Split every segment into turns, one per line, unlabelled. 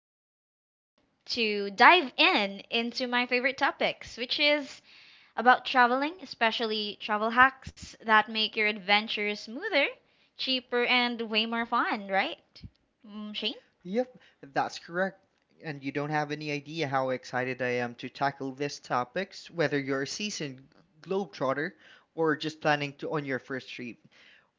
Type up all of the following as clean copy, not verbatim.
we are here to dive in into my favorite topics, which is about traveling, especially travel hacks that make your adventure smoother, cheaper, and way more fun, right? Mm, Shane?
Yep, that's correct. And you don't have any idea how excited I am to tackle these topics, whether you're a seasoned globetrotter or just planning to on your first trip.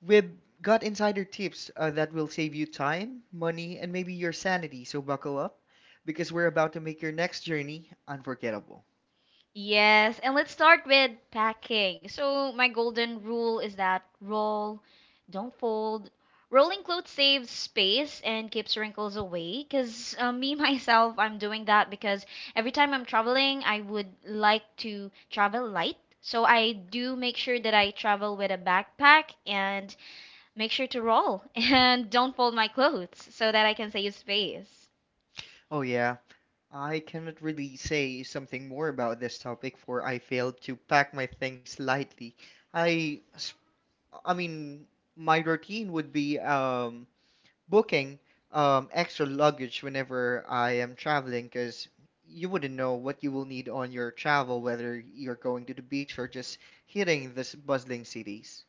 We've got insider tips that will save you time, money, and maybe your sanity, so buckle up because we're about to make your next journey unforgettable.
Yes, and let's start with packing. So, my golden rule is that roll, don't fold. Rolling clothes saves space and keeps wrinkles away. Because me, myself, I'm doing that because every time I'm traveling, I would like to travel light. So, I do make sure that I travel with a backpack and make sure to roll and don't fold my clothes so that I can save space.
Oh, yeah, I cannot really say something more about this topic, for I failed to pack my things lightly. I I mean, my routine would be booking extra luggage whenever I am traveling because you wouldn't know what you will need on your travel, whether you're going to the beach or just hitting the bustling cities.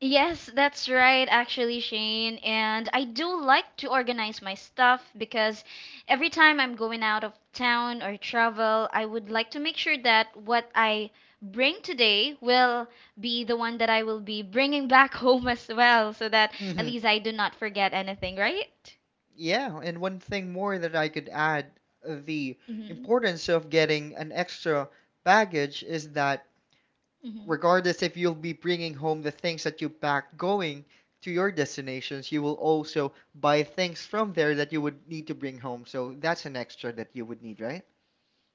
Yes, that's right, actually, Shane. And I do like to organize my stuff because every time I'm going out of town or travel, I would like to make sure that what I bring today will be the one that I will be bringing back home as well, so that at
Hmm.
least I do not forget anything, right?
Yeah, and one thing more that I could add, the
Mm-hmm.
importance of getting an extra baggage is that
Mm-hmm.
regardless if you'll be bringing home the things that you pack going to your destinations, you will also buy things from there that you would need to bring home. So that's an extra that you would need, right?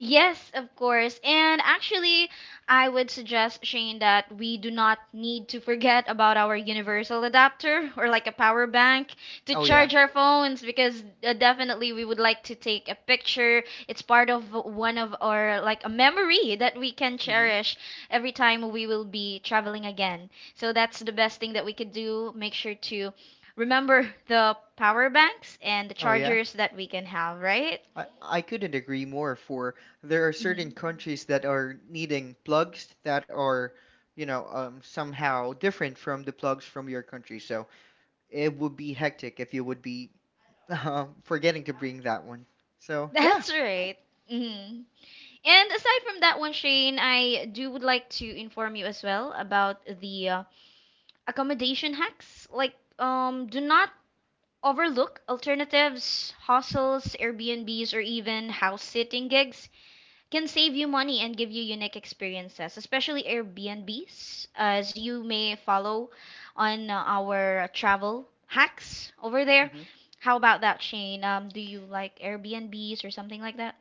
Yes, of course. And actually, I would suggest, Shane, that we do not need to forget about our universal adapter or like a power bank to
Oh yeah.
charge our phones because definitely we would like to take a picture. It's part of one of our like a memory that we can
Hmm.
cherish every time we will be traveling again. So that's the best thing that we could do. Make sure to remember the power banks and the
Oh yeah.
chargers that we can have, right?
I couldn't agree more, for there are certain
Mhm.
countries that are needing plugs that are, somehow different from the plugs from your country. So it would be hectic if you would be forgetting to bring that one. So yeah.
That's right. hmm And aside from that one, Shane, I do would like to inform you as well about the accommodation hacks. Like, do not overlook alternatives, hostels, Airbnbs, or even house sitting gigs can save you money and give you unique experiences, especially Airbnbs, as you may follow on our travel hacks over there.
Mhm.
How about that, Shane? Do you like Airbnbs or something like that?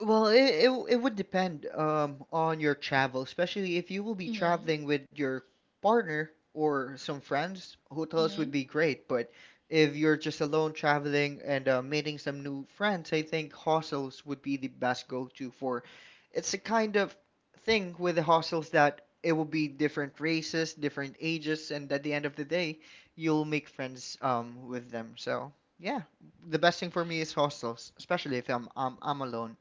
Well, it would depend on your travel, especially if you will be
Mhm.
traveling with your partner or some friends. Hotels would
Mm.
be great, but if you're just alone traveling and meeting some new friends, I think hostels would be the best go-to for. It's a kind of thing with the hostels that it will be different races, different ages, and at the end of the day, you'll make friends with them. So, yeah, the best thing for me is hostels, especially if I'm alone.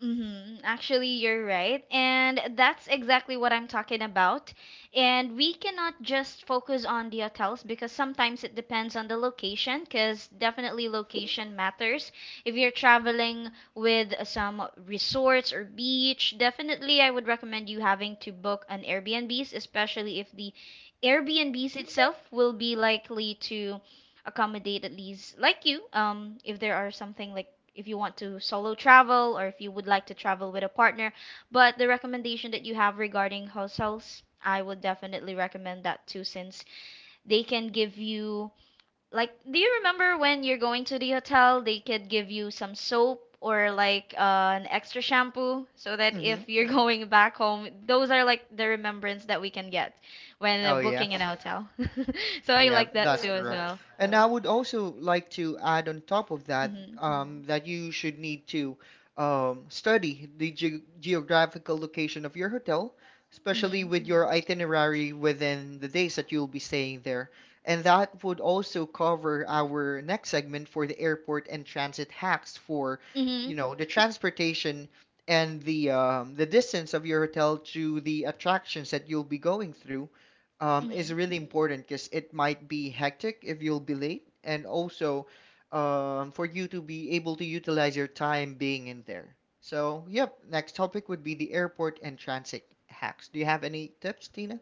hmm Actually, you're right. And that's exactly what I'm talking about. And we cannot just focus on the hotels because sometimes it depends on the location, because definitely location matters. If you're traveling with some resorts or beach, definitely I would recommend you having to book an Airbnbs, especially if the Airbnbs itself will be likely to accommodate at least like you, if there are something like if you want to solo travel or if you would like to travel with a partner. But the recommendation that you have regarding hotels, I would definitely recommend that too, since they can give you like, do you remember when you're going to the hotel, they could give you some soap or like an extra shampoo so that if
Mm-hmm.
you're going back home, those are like the remembrance that we can get when
Oh yeah.
booking an hotel. So I
Yeah, so
like that
that's
too
like you,
as
correct.
well.
And yeah. I yeah would also like to add on top of that,
Mhm.
mm-hmm, that you should need to study the ge geographical location of your hotel, especially
Mhm.
with your mhm itinerary within the days that you'll be staying there. And that would also cover our next segment for the airport and transit hacks for, you
Mhm.
know, the transportation and the distance of your hotel to the attractions that you'll be going through is
Mhm.
really important because it might be hectic if you'll be late, and also for you to be able to utilize your time being in there. So, yep, next topic would be the airport and transit hacks. Do you have any tips, Tina?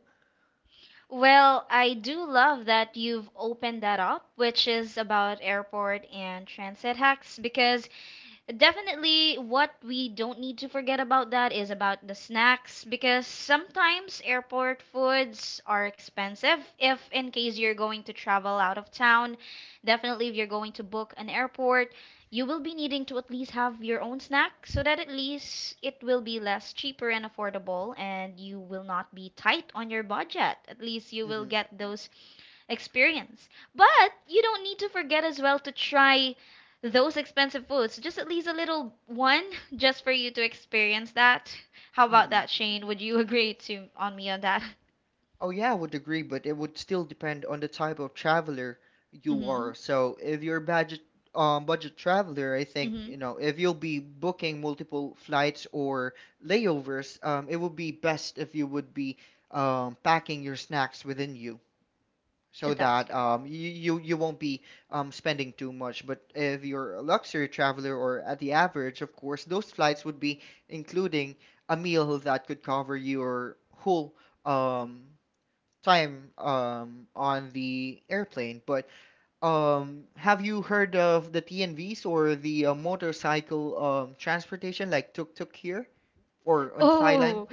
Well, I do love that you've opened that up, which is about airport and transit hacks, because definitely, what we don't need to forget about that is about the snacks because sometimes airport foods are expensive. If in case you're going to travel out of town, definitely if you're going to book an airport, you will be needing to at least have your own snack so that at least it will be less cheaper and affordable and you will not be tight on your budget. At least you will
Mm-hmm.
get those experience. But you don't need to forget as well to try those expensive foods, so just at least a little one, just for you to experience that. How about
Mm-hmm.
that, Shane? Would you agree to on me on that?
Oh, yeah, I would agree, but it would still depend on the type of traveler you
Mm-hmm.
are. So, if you're a budget budget traveler, I think,
Mm-hmm.
you know, if you'll be booking multiple flights or layovers, it would be best if you would be packing your snacks within you so
That's
that
correct.
you won't be spending too much. But if you're a luxury traveler or at the average, of course, those flights would be including a meal that could cover your whole um, time on the airplane. But have you heard of the TNVs or the motorcycle transportation like tuk-tuk here or on Thailand?
Oh,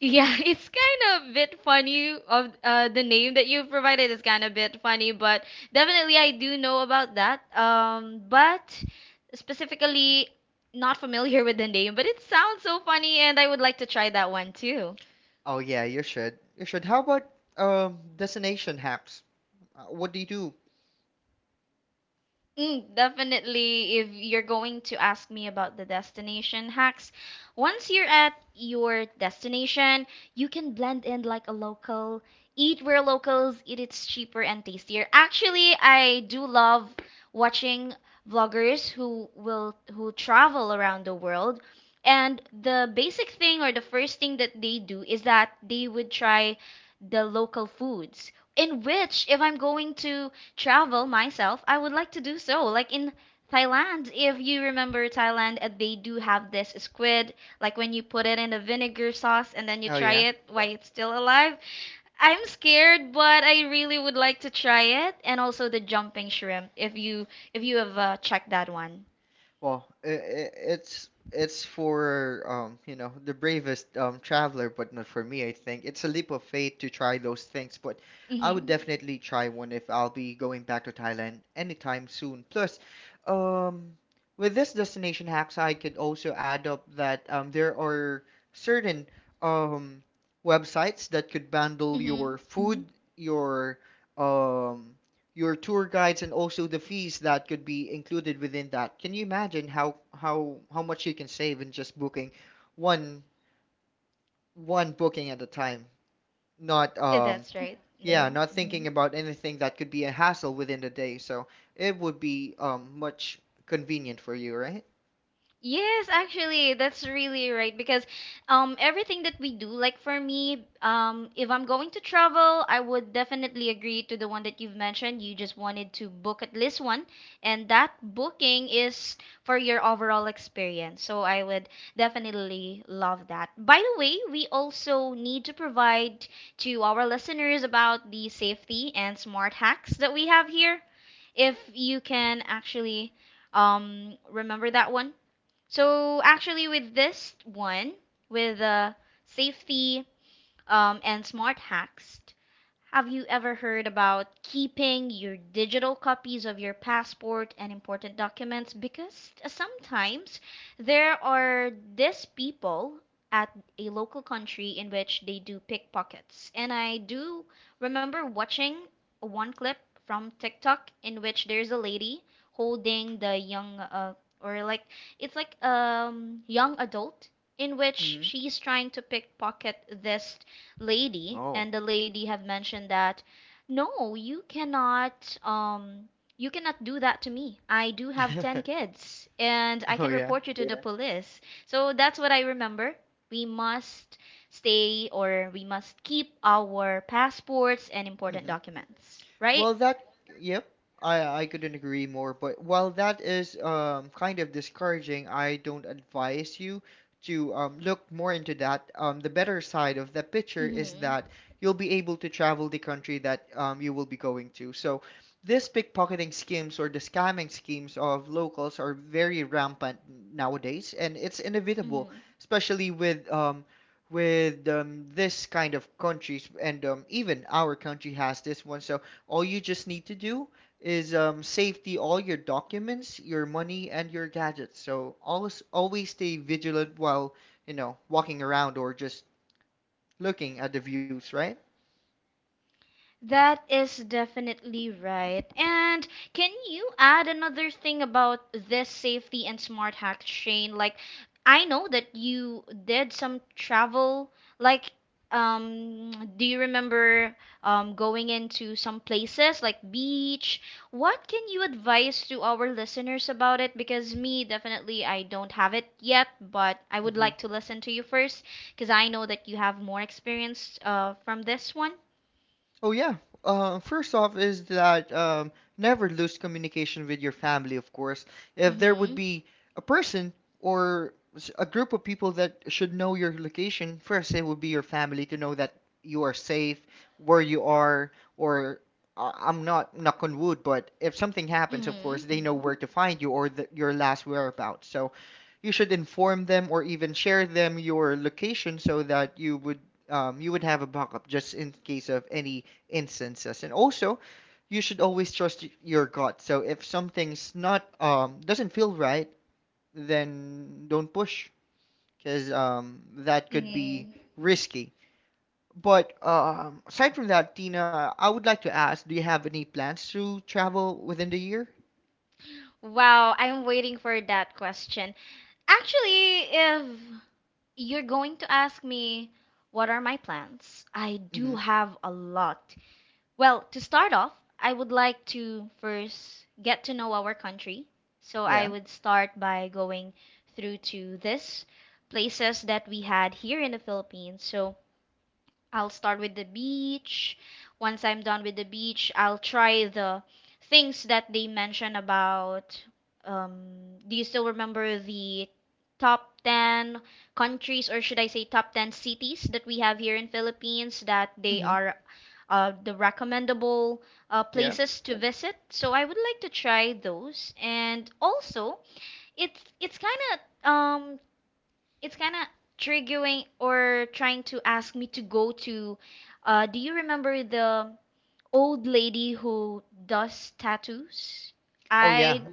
yeah, it's kind of a bit funny of the name that you provided is kind of a bit funny, but definitely I do know about that. But specifically not familiar with the name, but it sounds so funny and I would like to try that one too.
Oh yeah, you should. You should. How about destination hacks? What do you do?
Mm, definitely, if you're going to ask me about the destination hacks, once you're at your destination, you can blend in like a local. Eat where locals eat, it's cheaper and tastier. Actually, I do love watching vloggers who travel around the world. And the basic thing or the first thing that they do is that they would try the local foods. In which, if I'm going to travel myself. I would like to do so, like in Thailand. If you remember Thailand, they do have this squid, like when you put it in a vinegar sauce and then you
Oh
try
yeah.
it while it's still alive. I'm scared, but I really would like to try it, and also the jumping shrimp. If you have checked that one.
Well, I it's for you know, the bravest traveler, but not for me, I think. It's a leap of faith to try those things, but I would
Mhm.
definitely try one if I'll be going back to Thailand anytime soon. Plus, um, with this destination hacks, I could also add up that there are certain um websites that could bundle
Mhm.
your hmm food, mhm, um your tour guides and also the fees that could be included within that. Can you imagine how much you can save in just booking one one booking at a time? Not
Eh, that's right.
Yeah,
Mhm.
not thinking about anything that could be a hassle within the day. So it would be much convenient for you, right?
Yes, actually, that's really right because everything that we do, like for me, if I'm going to travel, I would definitely agree to the one that you've mentioned. You just wanted to book at least one, and that booking is for your overall experience. So I would definitely love that. By the way, we also need to provide to our listeners about the safety and smart hacks that we have here. If you can actually remember that one. So actually, with this one, with the safety and smart hacks, have you ever heard about keeping your digital copies of your passport and important documents? Because sometimes there are these people at a local country in which they do pickpockets. And I do remember watching one clip from TikTok in which there's a lady holding the young or like it's like young adult in which
Mm-hmm.
she's trying to pickpocket this lady
Oh.
and the lady have mentioned that no, you cannot you cannot do that to me. I do have 10 kids and I
Oh
can
yeah.
report you to the police. So that's what I remember. We must stay or we must keep our passports and important
Mhm.
documents, right?
Well, that, yep, I couldn't agree more. But while that is kind of discouraging, I don't advise you to look more into that. The better side of the picture is
mhm
that you'll be able to travel the country that you will be going to. So, this pickpocketing schemes or the scamming schemes of locals are very rampant nowadays, and it's inevitable,
mhm
especially with this kind of countries, and even our country has this one. So all you just need to do is save all your documents, your money, and your gadgets. So always stay vigilant while, you know, walking around or just looking at the views, right?
That is definitely right. And can you add another thing about this safety and smart hack, Shane? Like, I know that you did some travel. Like, do you remember going into some places like beach? What can you advise to our listeners about it? Because me, definitely, I don't have it yet, but I would
Hmm.
like to listen to you first because I know that you have more experience from this one.
Oh yeah. First off is that, never lose communication with your family, of course. If there would be a person or a group of people that should know your location, first it would be your family to know that you are safe, where you are, or I'm not knock on wood, but if something happens, of course,
Mm-hmm.
they know where to find you or the, your last whereabouts. So you should inform them or even share them your location so that you would have a backup just in case of any instances. And also, you should always trust your gut. So if something's not doesn't feel right, then don't push because that could be
Mm-hmm.
risky. But aside from that, Tina, I would like to ask, do you have any plans to travel within the year?
Wow, I'm waiting for that question. Actually, if you're going to ask me what are my plans, I do
Mm-hmm.
have a lot. Well, to start off, I would like to first get to know our country. So I
Yeah.
would start by going through to this places that we had here in the Philippines. So I'll start with the beach. Once I'm done with the beach, I'll try the things that they mention about. Do you still remember the top 10 countries, or should I say top 10 cities that we have here in Philippines that they
Mm-hmm.
are the recommendable
Yeah.
places to visit? So I would like to try those, and also it's kind of it's kind of triggering or trying to ask me to go to do you remember the old lady who does tattoos?
Oh yeah.
I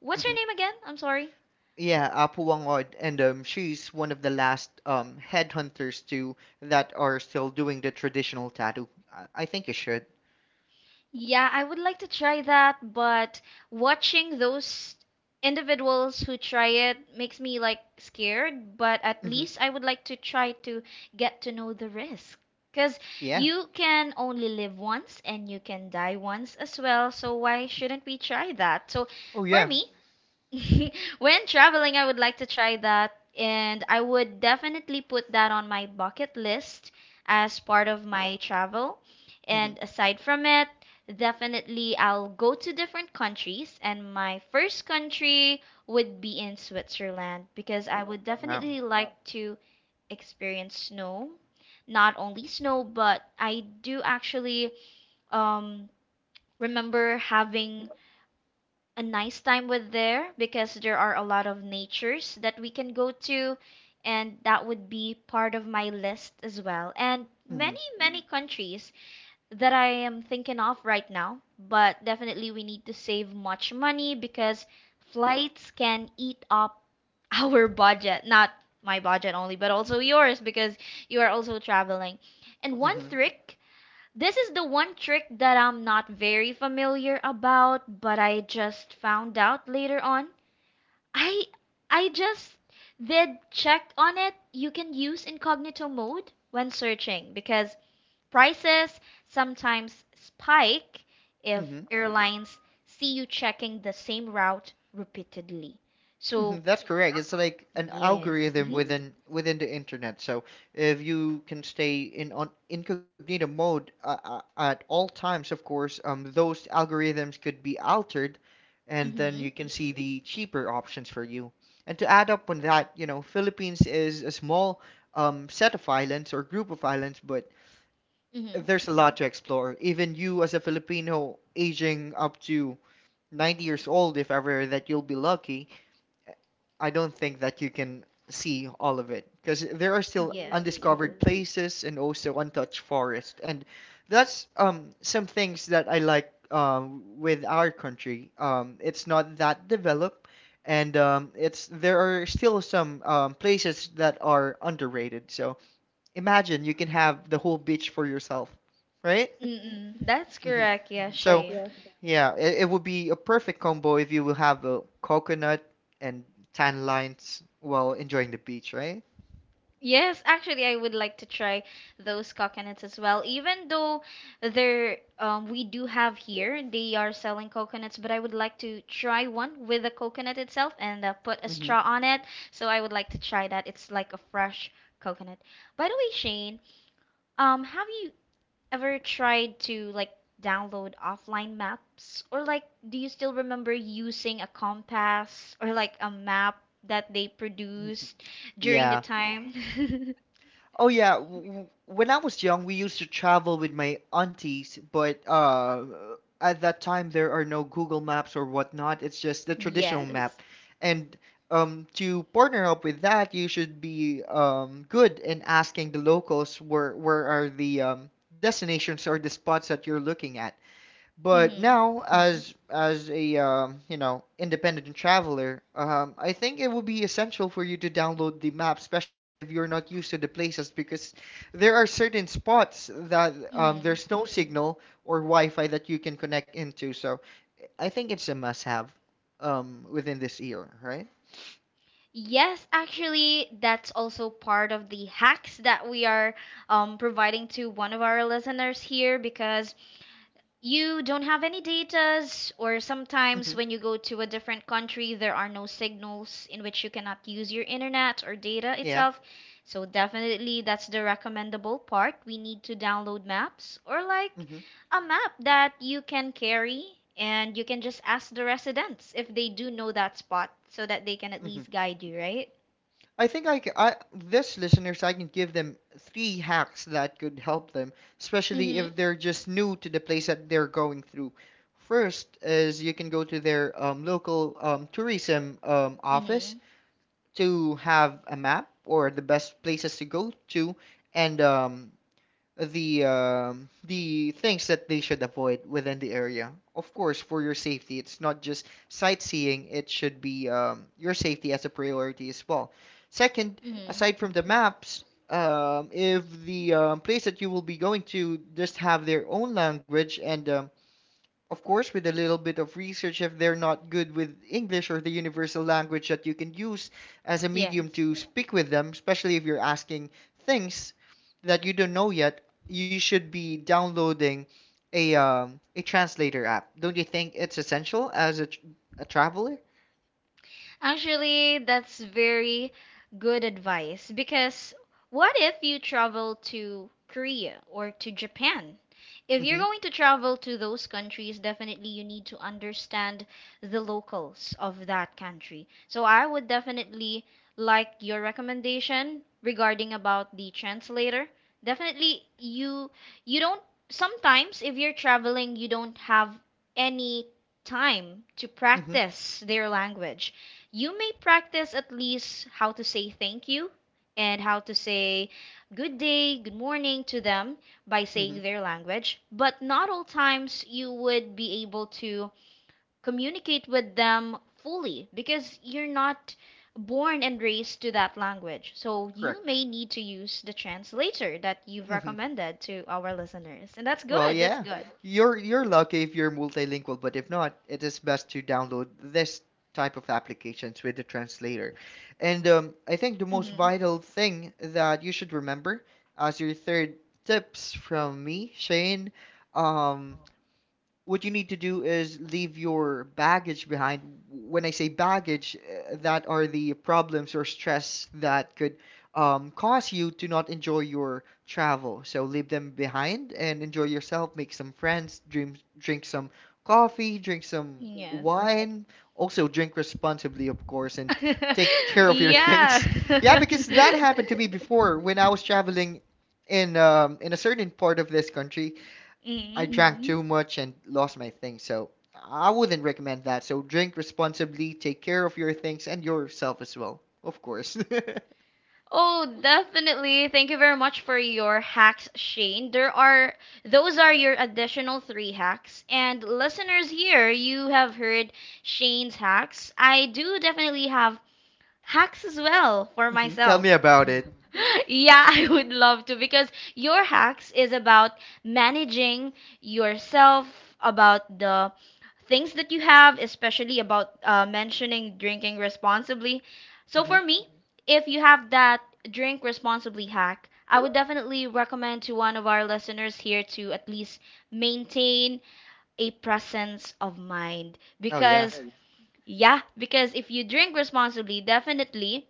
What's her
Mm-hmm.
name again? I'm sorry.
Yeah, Apu Wangod, and she's one of the last headhunters too that are still doing the traditional tattoo. I think you should.
Yeah, I would like to try that, but watching those individuals who try it makes me like scared, but at
Mm-hmm.
least I would like to try to get to know the risk. Because
Yeah.
you can only live once and you can die once as well, so why shouldn't we try that? So
Oh yeah.
for me, when traveling, I would like to try that, and I would definitely put that on my bucket list as part of my travel.
Hmm.
And aside from it, definitely I'll go to different countries, and my first country would be in Switzerland because I would
Wow.
definitely like to experience snow. Not only snow, but I do actually um remember having a nice time with there because there are a lot of natures that we can go to, and that would be part of my list as well, and many many countries that I am thinking of right now. But definitely we need to save much money because flights can eat up our budget, not my budget only but also yours because you are also traveling. And
Hmm.
one
Hmm.
trick, that I'm not very familiar about, but I just found out later on. I I just did check on it. You can use incognito mode when searching because prices sometimes spike if
Hmm.
airlines see you checking the same route repeatedly.
Hmm.
So,
That's correct. It's like an
yes.
algorithm
Mhm.
within the internet. So if you can stay in on incognito mode at all times, of course, those algorithms could be altered, and then you
Mhm.
can see the cheaper options for you. And to add up on that, you know, Philippines is a small set of islands or group of islands, but
Mhm.
there's a lot to explore. Even you, as a Filipino aging up to 90 years old, if ever that you'll be lucky, I don't think that you can see all of it because there are still
Yes.
undiscovered places and also untouched forest. And that's some things that I like with our country. It's not that developed, and it's there are still some places that are underrated. So imagine you can have the whole beach for yourself, right?
Mm-mm. That's
Mhm. Yes,
correct, yeah,
so
Shane.
yeah, it would be a perfect combo if you will have a coconut and tan lines while enjoying the beach, right?
Yes, actually, I would like to try those coconuts as well. Even though they're we do have here, they are selling coconuts, but I would like to try one with the coconut itself and put a
Hmm.
straw on it. So I would like to try that. It's like a fresh coconut. By the way, Shane, have you ever tried to like download offline maps or like do you still remember using a compass or like a map that they produced during the
Yeah.
time?
Oh yeah. When I was young, we used to travel with my aunties, but at that time there are no Google Maps or whatnot. It's just the traditional
Yes.
map, and to partner up with that, you should be good in asking the locals where are the destinations or the spots that you're looking at. But
Mhm.
now, mhm, as a you know, independent traveler, I think it would be essential for you to download the map, especially if you're not used to the places, because there are certain spots that,
Mhm.
there's no signal or Wi-Fi that you can connect into. So I think it's a must-have within this year, right?
Yes, actually, that's also part of the hacks that we are providing to one of our listeners here because you don't have any datas, or sometimes
Hmm.
when you go to a different country, there are no signals in which you cannot use your internet or data
Yeah.
itself. So, definitely, that's the recommendable part. We need to download maps or like
Hmm.
a map that you can carry and you can just ask the residents if they do know that spot so that they can at
Hmm.
least guide you, right?
I think I, ca- I this listeners I can give them three hacks that could help them, especially
Mm
if they're just new to the place that they're going through. First is you can go to their local tourism
hmm.
office
Mm
to have a map or the best places to go to, and the things that they should avoid within the area. Of course, for your safety, it's not just sightseeing; it should be your safety as a priority as well. Second,
hmm. Mm hmm.
aside from the maps, if the place that you will be going to just have their own language, and of course, with a little bit of research, if they're not good with English or the universal language that you can use as a medium
Yes.
to speak with them, especially if you're asking things that you don't know yet, you should be downloading a translator app. Don't you think it's essential as a, a traveler?
Actually, that's very good advice because what if you travel to Korea or to Japan? If you're
Mm-hmm.
going to travel to those countries, definitely you need to understand the locals of that country. So I would definitely like your recommendation regarding about the translator. Definitely you don't sometimes if you're traveling you don't have any time to
Mm-hmm.
practice their language. You may practice at least how to say thank you and how to say good day, good morning to them by
Mm-hmm.
saying their language, but not all times you would be able to communicate with them fully because you're not born and raised to that language. So you
Correct.
may need to use the translator that you've
Mm-hmm.
recommended to our listeners. And that's
Well,
good. That's
yeah.
good.
You're lucky if you're multilingual, but if not, it is best to download this type of applications with the translator. And I think the most
Hmm.
vital thing that you should remember as your third tips from me, Shane, um, what you need to do is leave your baggage behind. When I say baggage, that are the problems or stress that could cause you to not enjoy your travel. So leave them behind and enjoy yourself, make some friends, dream, drink some coffee, drink some
Yes.
wine, also drink responsibly, of course, and take care of your
Yeah.
things. Yeah, because that happened to me before when I was traveling in a certain part of this country. I
Hmm.
drank too much and lost my things, so I wouldn't recommend that. So drink responsibly, take care of your things and yourself as well, of course.
Oh, definitely. Thank you very much for your hacks, Shane. There are, those are your additional three hacks. And listeners here, you have heard Shane's hacks. I do definitely have hacks as well for
Mhm. Tell
myself.
me about it.
Yeah, I would love to because your hacks is about managing yourself, about the things that you have, especially about mentioning drinking responsibly. So for
Hmm.
me, if you have that drink responsibly hack, I would definitely recommend to one of our listeners here to at least maintain a presence of mind
Oh yeah.
because, oh, yeah, yeah, because if you drink responsibly, definitely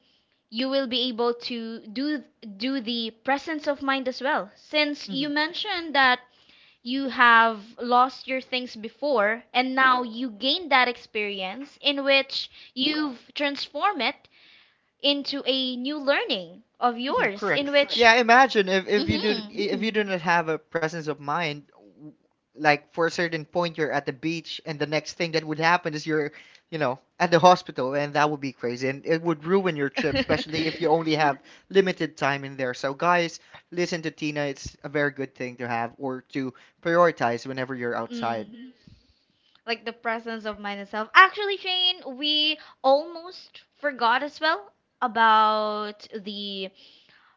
you will be able to do do the presence of mind as well. Since you mentioned that you have lost your things before and now you gain that experience in which you've transformed it into a new learning of
Mhm.
yours in
Correct.
which,
Yeah, imagine if, if you do
mhm.
if you do not have a presence of mind, w- like for a certain point you're at the beach and the next thing that would happen is you're, you know, at the hospital, and that would be crazy and it would ruin your trip, especially if you only have limited time in there. So guys, listen to Tina. It's a very good thing to have or to prioritize whenever you're outside.
Mm, like the presence of mind itself. Actually, Shane, we almost forgot as well about the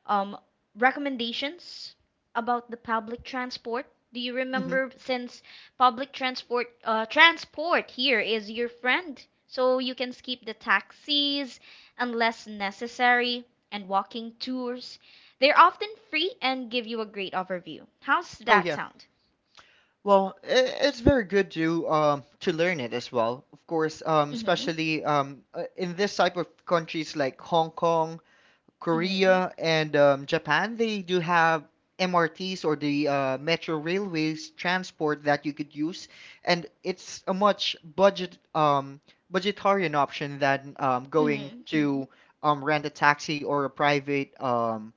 um, recommendations about the public transport. Do you
Hmm.
remember, since public transport, transport here is your friend, so you can skip the taxis unless necessary, and walking tours. They're often free and give you a great overview. How's
Oh
that
yeah.
sound?
Well, i- it's very good to learn it as well. Of course,
Mhm.
especially in this type of countries like Hong Kong,
Mhm.
Korea, and Japan, they do have MRTs or the metro railways transport that you could use, and it's a much budget budgetarian option than going
Mhm.
to rent a taxi or a private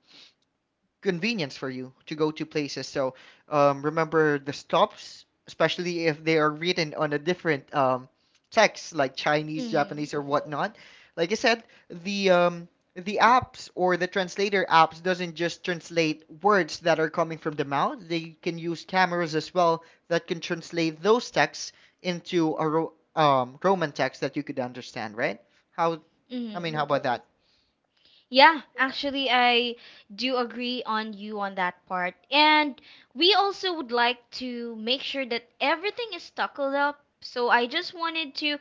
convenience for you to go to places. So remember the stops, especially if they are written on a different text, like Chinese,
Mhm.
Japanese, or whatnot. Like I said, the um, the apps or the translator apps doesn't just translate words that are coming from the mouth. They can use cameras as well that can translate those texts into a Roman text that you could understand, right? How? I mean, how
Mhm.
about that?
Yeah, actually, I do agree on you on that part. And we also would like to make sure that everything is tackled up. So I just wanted to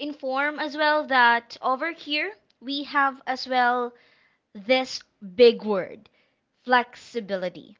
inform as well that over here we have as well this big word, flexibility.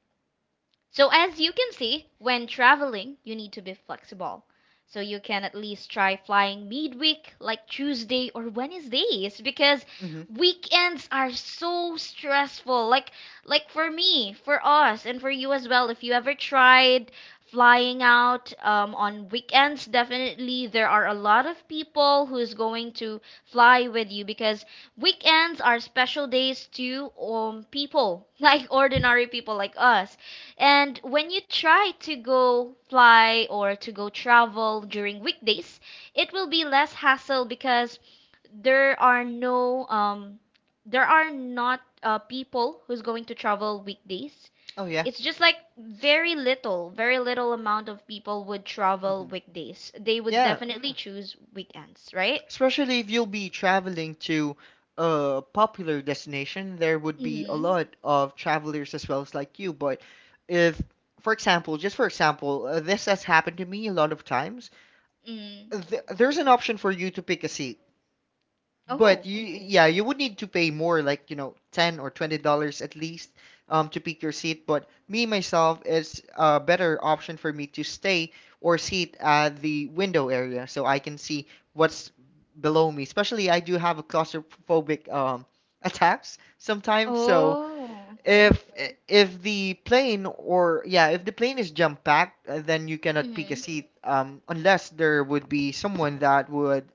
So, as you can see, when traveling you need to be flexible. So you can at least try flying midweek like Tuesday or Wednesdays because
Hmm.
weekends are so stressful. Like for me, for us and for you as well, if you ever tried flying out on weekends, definitely there are a lot of people who's going to fly with you because weekends are special days to people, like ordinary people like us. And when you try to go fly or to go travel during weekdays, it will be less hassle because there are no um there are not people who's going to travel weekdays.
Oh yeah.
It's just like very little amount of people would travel
Hmm.
weekdays. They would
Yeah,
definitely choose weekends, right?
especially if you'll be traveling to a popular destination, there would be a
Mm-hmm.
lot of travelers as well as like you. But if, for example, just for example, this has happened to me a lot of times,
Mm.
there's an option for you to pick a seat. But
Oh.
you, yeah, you would need to pay more, like, you know, 10 or $20 at least, to pick your seat. But me myself, it's a better option for me to stay or sit at the window area so I can see what's below me. Especially, I do have a claustrophobic attacks sometimes. So
Oh, okay.
if if the plane or yeah, if the plane is jam packed, then you cannot pick a
Mm-hmm.
seat unless there would be someone that would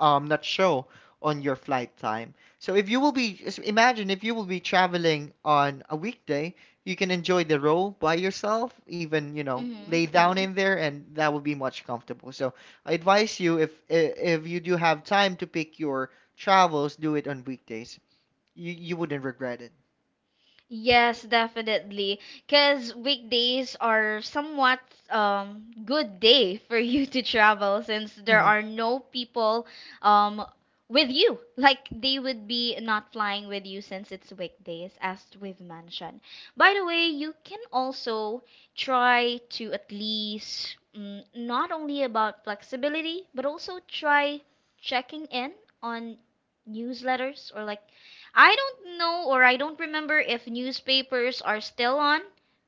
not show on your flight time. So if you will be imagine if you will be traveling on a weekday, you can enjoy the row by yourself, even, you know,
Mm-hmm.
lay down in there, and that would be much comfortable. So I advise you if you do have time to pick your travels, do it on weekdays. You wouldn't regret it.
Yes, definitely. Because weekdays are somewhat good day for you to travel since there
Hmm.
are no people um with you. Like they would be not flying with you since it's weekdays, as we've mentioned. By the way, you can also try to at least, mm, not only about flexibility, but also try checking in on newsletters or like, I don't know, or I don't remember if newspapers are still on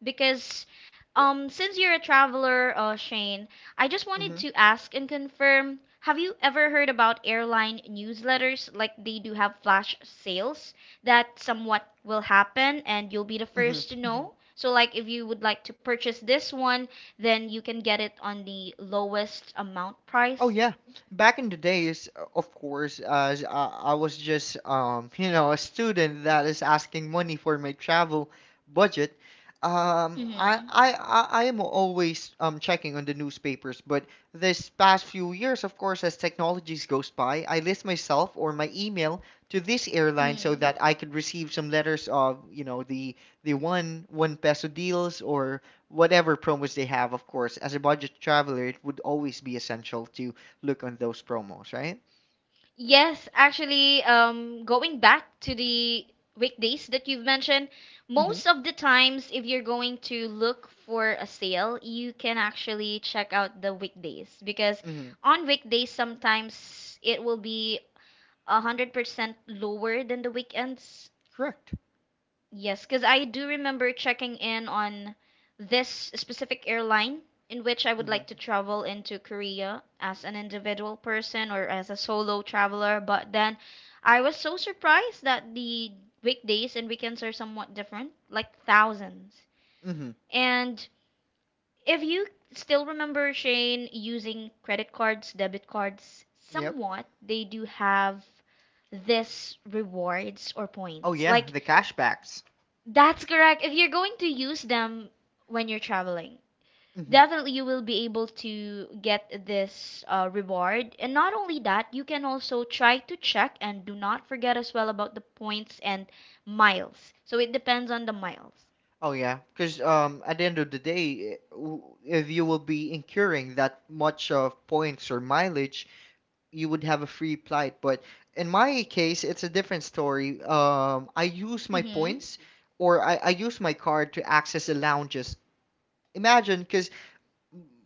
because since you're a traveler, Shane, I just wanted
Hmm.
to ask and confirm, have you ever heard about airline newsletters? Like they do have flash sales that somewhat will happen and you'll be the
Hmm.
first to, mhm, know. So like if you would like to purchase this one, then you can get it on the lowest amount
Oh
price.
yeah, back in the days, of course, as I was just you know, a student that is asking money for my travel budget. Um, I
Mhm.
I I I am always checking on the newspapers, but this past few years, of course, as technologies goes by, I list myself or my email to this airline so
Mhm.
that I could receive some letters of, you know, the one peso deals or whatever promos they have. Of course, as a budget traveler, it would always be essential to look on those promos, right?
Yes, actually, going back to the weekdays that you've mentioned,
Mm-hmm.
most of the times, if you're going to look for a sale, you can actually check out the weekdays because
Mm-hmm.
on weekdays, sometimes it will be 100% lower than the weekends.
Correct.
Yes, because I do remember checking in on this specific airline in which I would
Mm-hmm.
like to travel into Korea as an individual person or as a solo traveler. But then I was so surprised that the weekdays and weekends are somewhat different, like thousands.
Mm-hmm.
And if you still remember, Shane, using credit cards, debit cards,
Yep.
somewhat, they do have this rewards or
Oh
points.
yeah,
Like,
the cashbacks.
that's correct. If you're going to use them when you're traveling,
Mm-hmm.
definitely you will be able to get this reward. And not only that, you can also try to check and do not forget as well about the points and miles. So it depends on the miles.
Oh yeah, because at the end of the day, if you will be incurring that much of points or mileage, you would have a free flight. But in my case, it's a different story. I use my
Mm-hmm.
points or I use my card to access the lounges. Imagine, because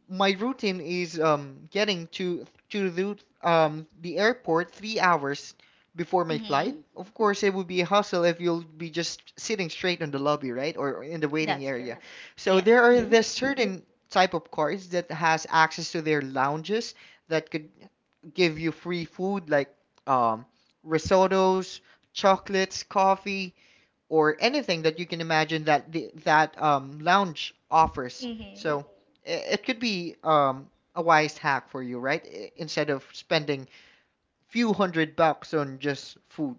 my routine is getting to the airport 3 hours before my flight.
Mm-hmm.
Of course, it would be a hustle if you'll be just sitting straight on the lobby, right, or in the waiting
That's
area.
correct.
Yes. So there
Yes.
are
Mm-hmm.
the certain type of cars that has access to their lounges that could give you free food like um, risottos, chocolates, coffee, or anything that you can imagine that lounge offers.
Mm-hmm.
So it could be a wise hack for you, right? I- Instead of spending few hundred bucks on just food.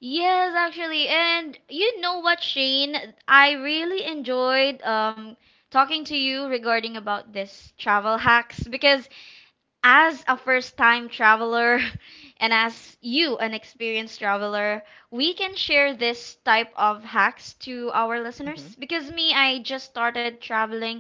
Yes, actually. And you know what, Shane? I really enjoyed talking to you regarding about this travel hacks because as a first time traveler and as you, an experienced traveler, we can share this type of hacks to our
Hmm.
listeners. Because me, I just started traveling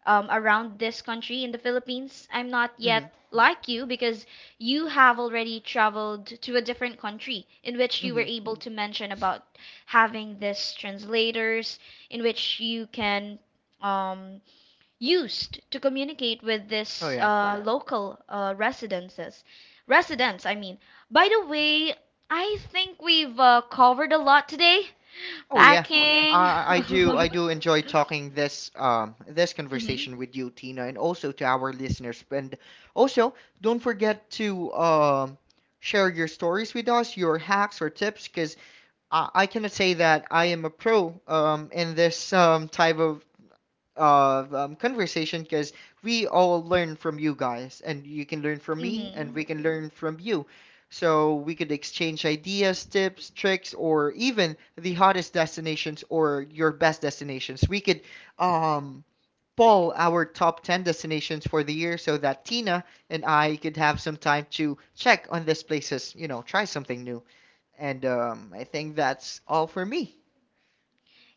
around this country in the Philippines. I'm not
Hmm.
yet like you because you have already traveled to a different country in which you were
Hmm.
able to mention about having this translators in which you can um, used to communicate with
Oh
this
yeah.
local residences. Residents, I mean. By the way, I think we've covered a lot today.
Oh yeah.
Packing.
I, I do I do enjoy talking this this
Hmm.
conversation with you, Tina, and also to our listeners. And also, don't forget to share your stories with us, your hacks or tips, because I cannot say that I am a pro in this type of conversation, because we all learn from you guys, and you can learn from me, and
Hmm.
we can learn from you. So we could exchange ideas, tips, tricks, or even the hottest destinations or your best destinations. We could um, poll our top 10 destinations for the year so that Tina and I could have some time to check on these places, you know, try something new. And I think that's all for me.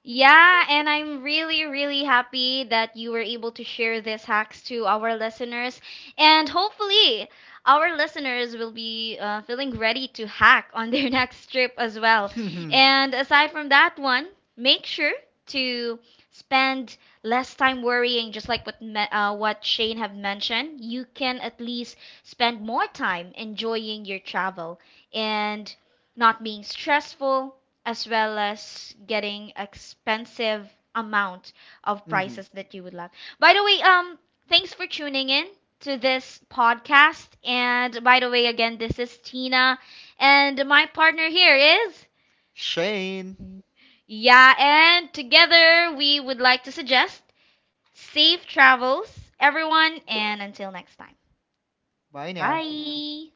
Yeah, and I'm really, really happy that you were able to share these hacks to our listeners. And hopefully, our listeners will be feeling ready to hack on their next trip as well. And aside from that one, make sure to spend less time worrying, just like what what Shane have mentioned. You can at least spend more time enjoying your travel and not being stressful as well as getting expensive amount of
Hmm.
prices that you would love. By the way, thanks for tuning in to this podcast. And by the way, again, this is Tina, and my partner here is,
Shane,
yeah, and together we would like to suggest safe travels, everyone, and until next time.
bye now.
Bye.